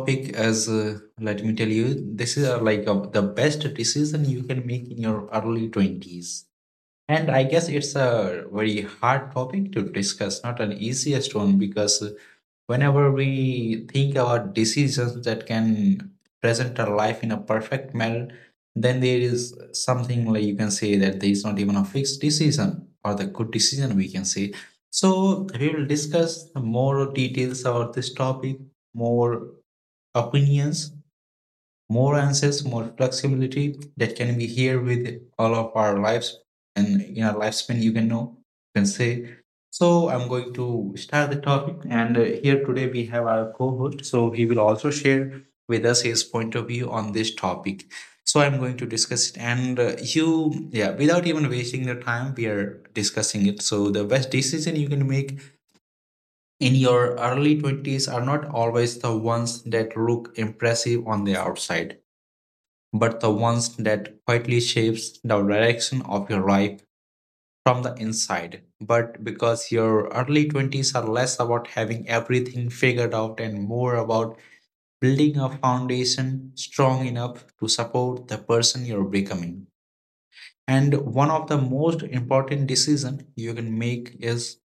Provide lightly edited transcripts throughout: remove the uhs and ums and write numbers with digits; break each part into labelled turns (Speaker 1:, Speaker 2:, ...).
Speaker 1: topic is, let me tell you, this is the best decision you can make in your early 20s. And I guess it's a very hard topic to discuss, not an easiest one, because whenever we think about decisions that can present our life in a perfect manner, then there is something like you can say that there is not even a fixed decision or the good decision we can say. So we will discuss more details about this topic, more opinions, more answers, more flexibility that can be here with all of our lives. And in our lifespan, you can know, you can say. So I'm going to start the topic. And here today we have our co-host. So he will also share with us his point of view on this topic. So I'm going to discuss it. And yeah, without even wasting the time, we are discussing it. So the best decision you can make in your early 20s are not always the ones that look impressive on the outside, but the ones that quietly shapes the direction of your life from the inside. But because your early 20s are less about having everything figured out and more about building a foundation strong enough to support the person you're becoming. And one of the most important decision you can make is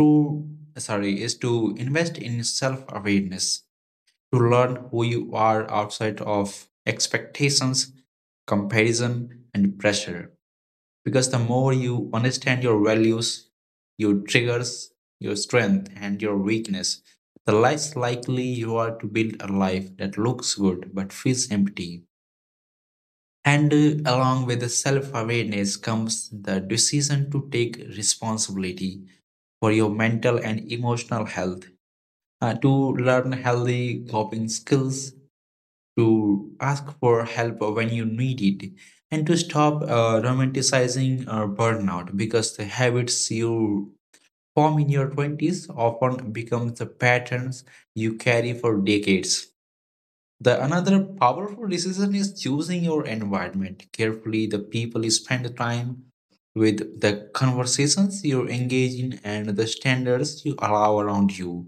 Speaker 1: to sorry is to invest in self awareness, to learn who you are outside of expectations, comparison, and pressure. Because the more you understand your values, your triggers, your strength, and your weakness, the less likely you are to build a life that looks good but feels empty. And along with the self awareness comes the decision to take responsibility for your mental and emotional health, to learn healthy coping skills, to ask for help when you need it, and to stop romanticizing burnout, because the habits you form in your 20s often become the patterns you carry for decades. The another powerful decision is choosing your environment carefully, the people you spend time with, the conversations you engage in, and the standards you allow around you,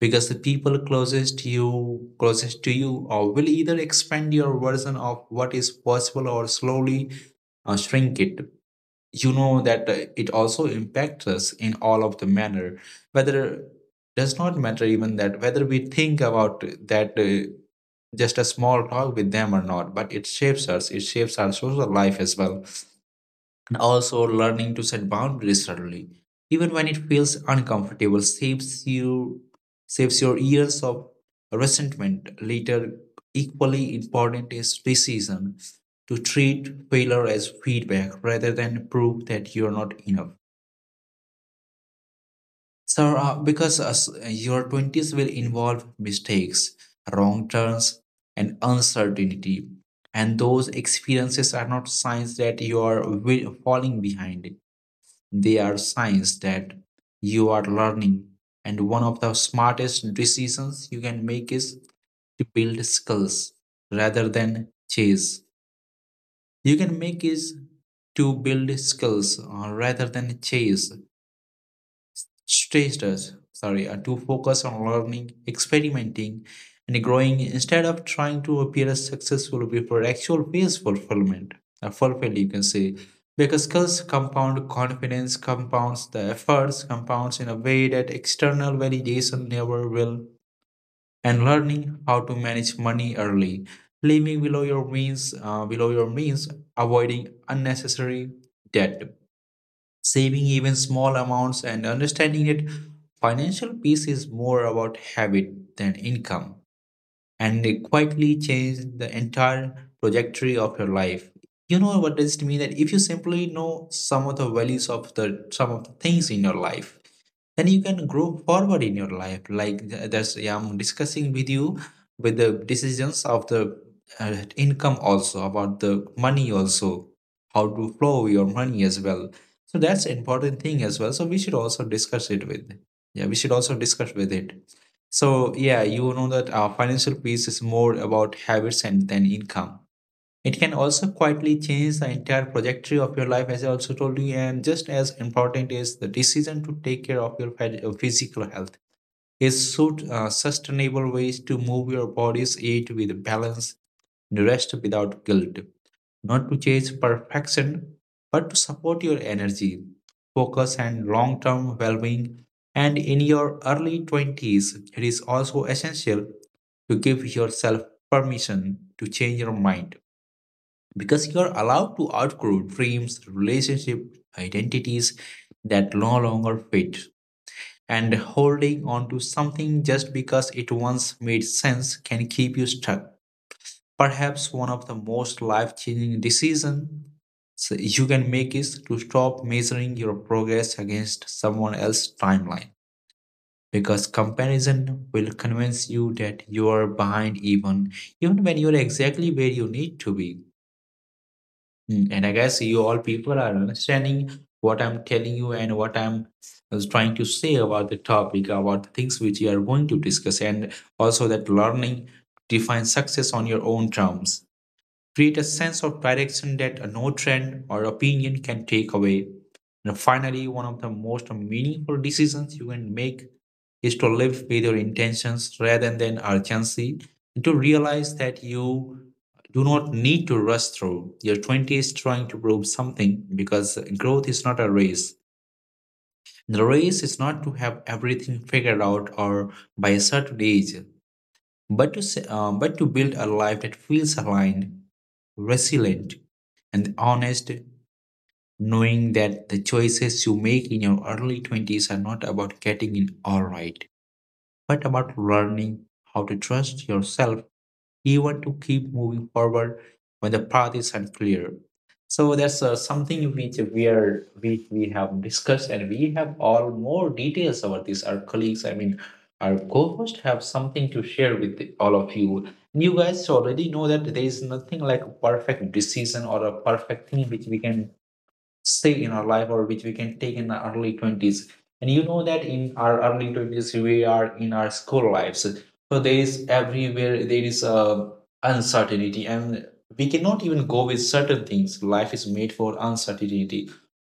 Speaker 1: because the people closest to you or will either expand your version of what is possible or slowly shrink it. You know that it also impacts us in all of the manner, whether does not matter even that whether we think about that just a small talk with them or not, but it shapes us, it shapes our social life as well. And also learning to set boundaries early, even when it feels uncomfortable, saves you saves your years of resentment later. Equally important is decision to treat failure as feedback rather than proof that you're not enough. So, because as your 20s will involve mistakes, wrong turns, and uncertainty, and those experiences are not signs that you are falling behind, they are signs that you are learning. And one of the smartest decisions you can make is to build skills rather than chase. You can make is to build skills rather than chase, stressed us sorry to focus on learning, experimenting, and growing, instead of trying to appear as successful before actual phase fulfillment fulfilled, you can say, because skills compound, confidence compounds, the efforts compounds in a way that external validation never will. And learning how to manage money early, living below your means, avoiding unnecessary debt, saving even small amounts, and understanding that financial peace is more about habit than income, and it quietly changed the entire trajectory of your life. You know what does it mean, that if you simply know some of the values of the some of the things in your life, then you can grow forward in your life, like that's yeah, I'm discussing with you with the decisions of the income also, about the money also, how to flow your money as well, so that's important thing as well, so we should also discuss it with yeah, we should also discuss with it. So yeah, you know that financial piece is more about habits and than income, it can also quietly change the entire trajectory of your life, as I also told you. And just as important is the decision to take care of your physical health, is so sustainable ways to move your body's age with balance, and rest without guilt, not to chase perfection, but to support your energy, focus, and long-term well-being. And in your early 20s, it is also essential to give yourself permission to change your mind, because you are allowed to outgrow dreams, relationship, identities that no longer fit. And holding on to something just because it once made sense can keep you stuck. Perhaps one of the most life changing decisions you can make is to stop measuring your progress against someone else's timeline. Because comparison will convince you that you are behind even when you're exactly where you need to be. And I guess you all people are understanding what I'm telling you and what I'm was trying to say about the topic, about the things which you are going to discuss, and also that learning defines success on your own terms create a sense of direction that no trend or opinion can take away. And finally, one of the most meaningful decisions you can make is to live with your intentions rather than urgency, and to realize that you do not need to rush through. Your 20s trying to prove something, because growth is not a race. The race is not to have everything figured out or by a certain age, but to, build a life that feels aligned, resilient, and honest, knowing that the choices you make in your early 20s are not about getting it all right, but about learning how to trust yourself, even to keep moving forward when the path is unclear. So that's something which we have discussed, and we have all more details about this. Our colleagues, I mean, our co-host have something to share with all of you. You guys already know that there is nothing like a perfect decision or a perfect thing which we can say in our life or which we can take in the early 20s. And you know that in our early 20s we are in our school lives, so there is everywhere there is uncertainty, and we cannot even go with certain things. Life is made for uncertainty,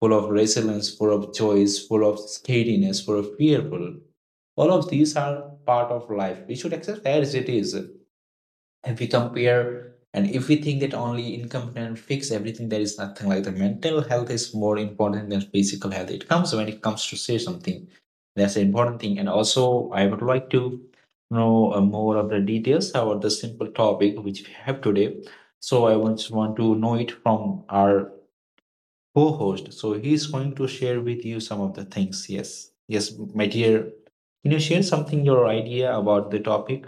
Speaker 1: full of resilience, full of choice, full of scariness, full of fearful, all of these are part of life, we should accept as it is. If we compare and if we think that only income can fix everything, there is nothing like, the mental health is more important than physical health. It comes when it comes to say something, that's an important thing. And also I would like to know more of the details about the simple topic which we have today, so I want to know it from our co-host, so he's going to share with you some of the things. Yes, yes my dear, can you share something, your idea about the topic?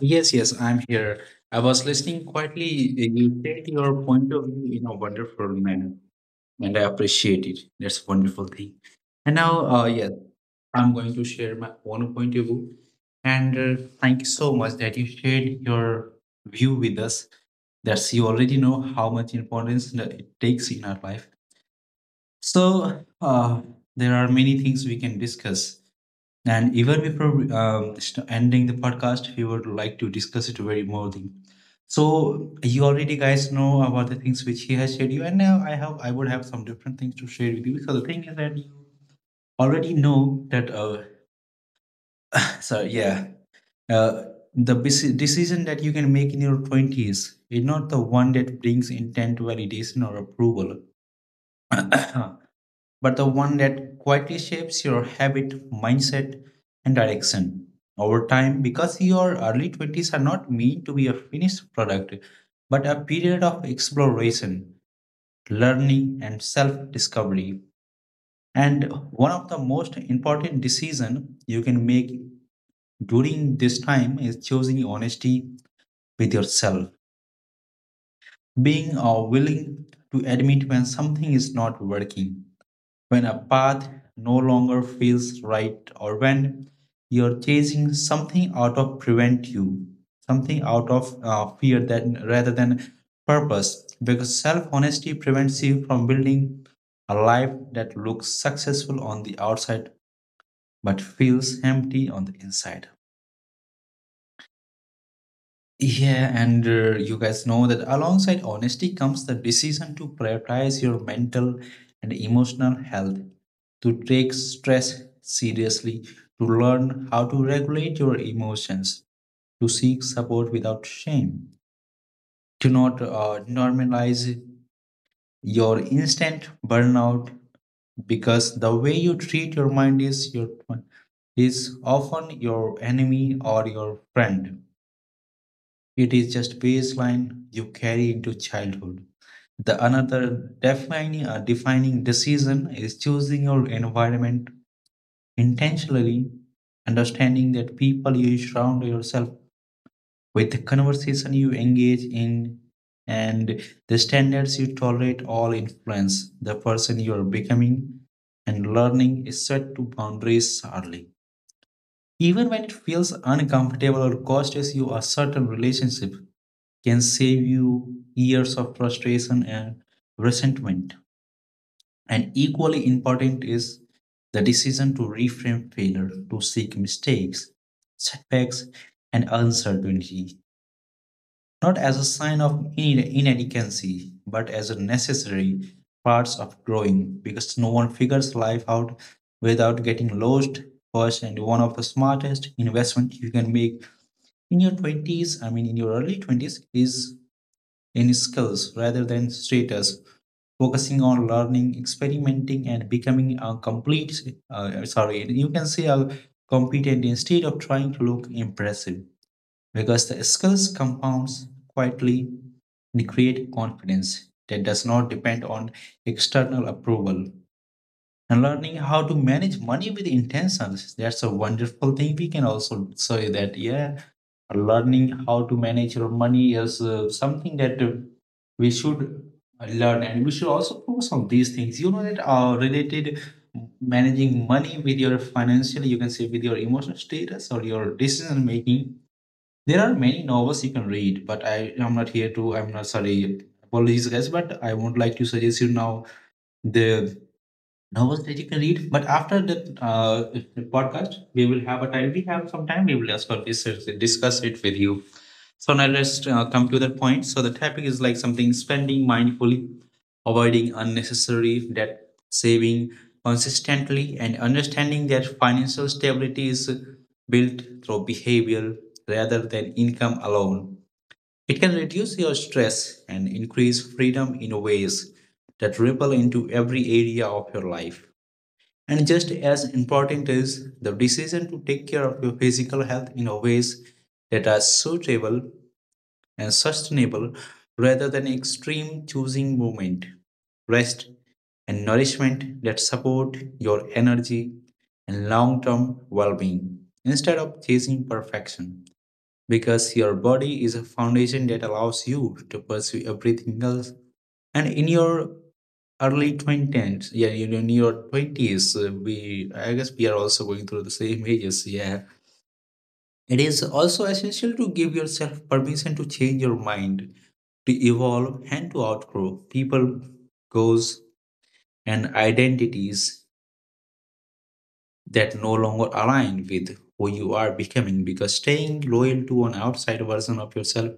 Speaker 1: Yes, yes, I'm here. I was listening quietly. You said your point of view in a wonderful manner, and I appreciate it. That's a wonderful thing. And now, yes, I'm going to share my own point of view. And thank you so much that you shared your view with us. That's, you already know how much importance that it takes in our life. So there are many things we can discuss, and even before ending the podcast, we would like to discuss it very more thing. So you already guys know about the things which he has shared you, and now I would have some different things to share with you. So the thing is that you already know that. So yeah, uh, the bes- decision that you can make in your twenties is not the one that brings intent validation or approval, but the one that quietly shapes your habit, mindset, and direction over time, because your early 20s are not meant to be a finished product, but a period of exploration, learning, and self discovery. And one of the most important decisions you can make during this time is choosing honesty with yourself, being willing to admit when something is not working, when a path no longer feels right, or when you're chasing something out of fear that rather than purpose, because self-honesty prevents you from building a life that looks successful on the outside but feels empty on the inside. Yeah, and you guys know that alongside honesty comes the decision to prioritize your mental and emotional health, to take stress seriously, to learn how to regulate your emotions, to seek support without shame, to not normalize your instant burnout, because the way you treat your mind is your is often your enemy or your friend. It is just baseline you carry into childhood. The another defining defining decision is choosing your environment intentionally, understanding that people you surround yourself with, the conversation you engage in, and the standards you tolerate all influence the person you are becoming. And learning is set to boundaries early, even when it feels uncomfortable or costs you a certain relationship, can save you years of frustration and resentment. And equally important is the decision to reframe failure, to seek mistakes, setbacks, and uncertainty not as a sign of inadequacy, but as a necessary parts of growing, because no one figures life out without getting lost first. And one of the smartest investment you can make in your 20s, I mean, in your early 20s, is in skills rather than status, focusing on learning, experimenting, and becoming a complete, sorry, you can say a competent, instead of trying to look impressive, because the skills compounds quietly and create confidence that does not depend on external approval. And learning how to manage money with intentions, that's a wonderful thing. We can also say that, yeah, learning how to manage your money is something that we should learn and we should also focus on these things. You know that are related managing money with your financial, you can say with your emotional status or your decision making. There are many novels you can read, but I am not here to I'm not sorry, apologies guys, but I would like to suggest you now the novels that you can read. But after the podcast, we will have a time. We have some time. We will ask for this it discuss it with you. So now let's come to that point. So the topic is like something: spending mindfully, avoiding unnecessary debt, saving consistently, and understanding that financial stability is built through behavior rather than income alone. It can reduce your stress and increase freedom in ways that ripple into every area of your life. And just as important is the decision to take care of your physical health in a ways that are suitable and sustainable rather than extreme, choosing movement, rest, and nourishment that support your energy and long term well being instead of chasing perfection. Because your body is a foundation that allows you to pursue everything else. And in your early 20s, yeah, you know, in your 20s, I guess we are also going through the same ages. Yeah. It is also essential to give yourself permission to change your mind, to evolve, and to outgrow people, goals, and identities that no longer align with who you are becoming, because staying loyal to an outside version of yourself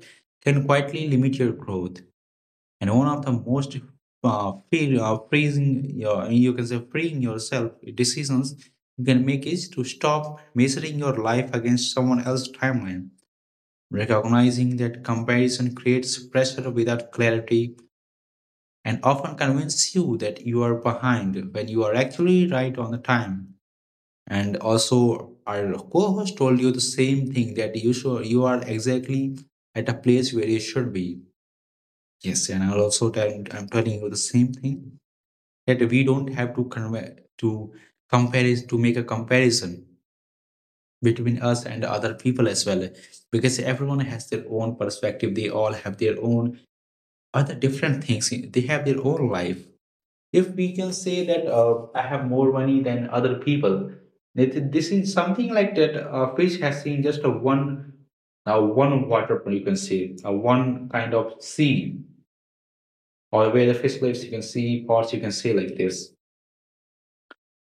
Speaker 1: can quietly limit your growth. And one of the most free, freezing your you can say freeing yourself decisions you can make is to stop measuring your life against someone else's timeline, recognizing that comparison creates pressure without clarity and often convinces you that you are behind when you are actually right on the time. And also our co-host told you the same thing, that you should, you are exactly at a place where you should be. Yes, and I'm telling you the same thing, that we don't have to to compare is to make a comparison between us and other people as well, because everyone has their own perspective. They all have their own other different things. They have their own life. If we can say that I have more money than other people, that- this is something like that a fish has seen just a one, now one waterfall, you can see, one kind of sea, or where the fish lives, you can see, parts you can see like this.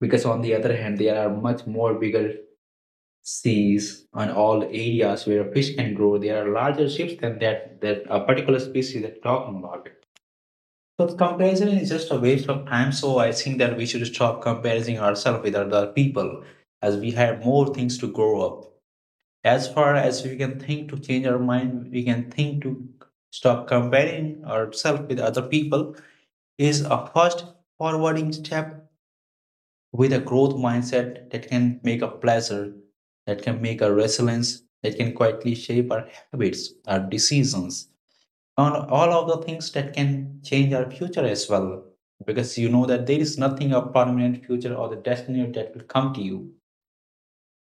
Speaker 1: Because on the other hand, there are much more bigger seas on all areas where fish can grow. There are larger ships than that, that a particular species that talking about. So comparison is just a waste of time. So I think that we should stop comparing ourselves with other people, as we have more things to grow up. As far as we can think to change our mind, we can think to stop comparing ourselves with other people is a first forwarding step with a growth mindset that can make a pleasure, that can make a resilience, that can quietly shape our habits, our decisions, and all of the things that can change our future as well. Because you know that there is nothing a permanent future or the destiny that will come to you.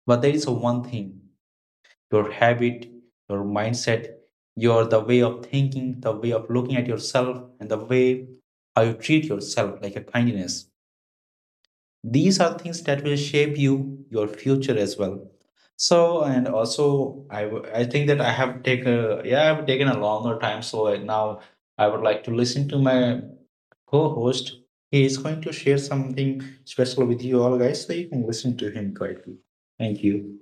Speaker 1: But there is one thing: your habit, your mindset, your the way of thinking, the way of looking at yourself, and the way how you treat yourself like a kindness. These are things that will shape you your future as well. So, and also I think that I have taken, yeah, I've taken a longer time, so now I would like to listen to my co-host. He is going to share something special with you all guys, so you can listen to him quietly. Thank you.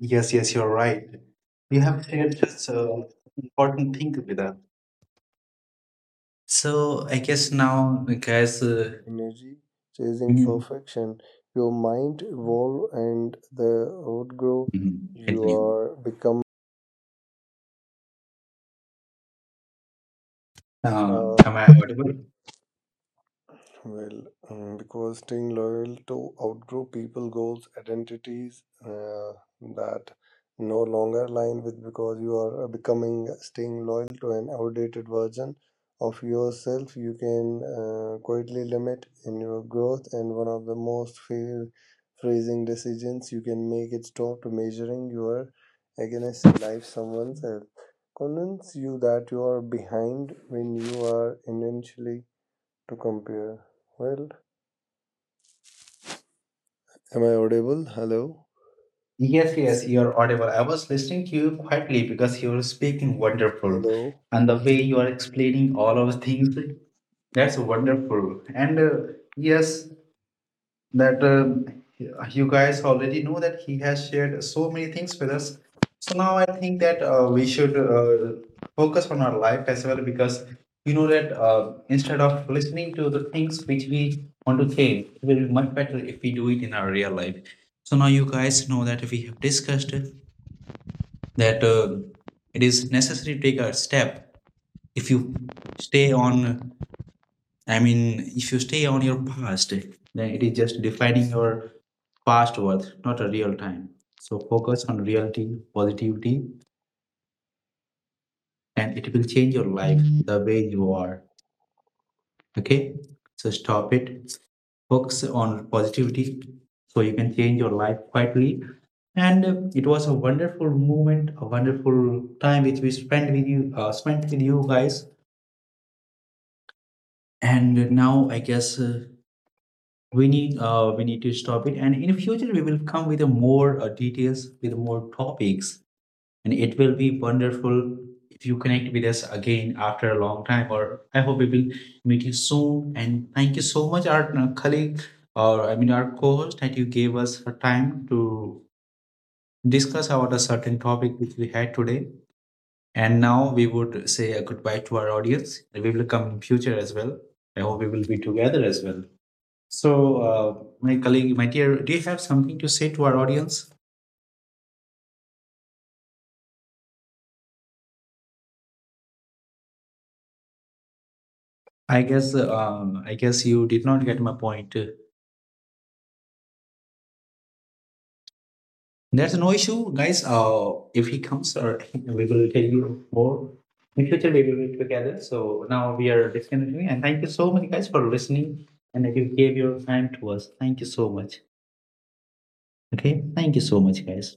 Speaker 1: Yes, yes, you're right. You have shared just important thing with us. So I guess now guys,
Speaker 2: Energy chasing
Speaker 1: mm,
Speaker 2: perfection, your mind evolve and the outgrow
Speaker 1: mhm,
Speaker 2: you
Speaker 1: continue,
Speaker 2: are become
Speaker 1: uh,
Speaker 2: Uh,
Speaker 1: am I audible?
Speaker 2: well, because staying loyal to outgrow people goals, identities that no longer align with because you are becoming staying loyal to an outdated version of yourself, you can quietly limit in your growth. And one of the most fair phrasing decisions you can make is stop to measuring your against life someone else. Convince you that you are behind when you are intentionally to compare. Well, am I audible? Hello?
Speaker 1: Yes, yes, you're audible. I was listening to you quietly because you are speaking wonderful,
Speaker 2: Hello?
Speaker 1: and the way you are explaining all of things, that's wonderful. And yes, that you guys already know that he has shared so many things with us. So now I think that we should focus on our life as well, because you know that instead of listening to the things which we want to change, it will be much better if we do it in our real life. So now you guys know that we have discussed that it is necessary to take a step. If you stay on i mean if you stay on your past, then it is just defining your past worth, not a real time. So focus on reality, positivity, and it will change your life the way you are. Okay, so stop it. Focus on positivity, so you can change your life quietly. And it was a wonderful moment, a wonderful time which we spent with you, spent with you guys. And now I guess, we need to stop it. And in future we will come with a more details, with more topics. And it will be wonderful if you connect with us again after a long time, or I hope we will meet you soon. And thank you so much our colleague, or I mean our co-host, that you gave us her time to discuss about a certain topic which we had today. And now we would say a goodbye to our audience. We will come in future as well. I hope we will be together as well. So, my colleague, my dear, do you have something to say to our audience? I guess you did not get my point. There's no issue, guys. If he comes, or we will tell you more. In future, we will be together. So now we are disconnecting, and thank you so much, guys, for listening, and that you gave your time to us. Thank you so much. Okay, thank you so much, guys.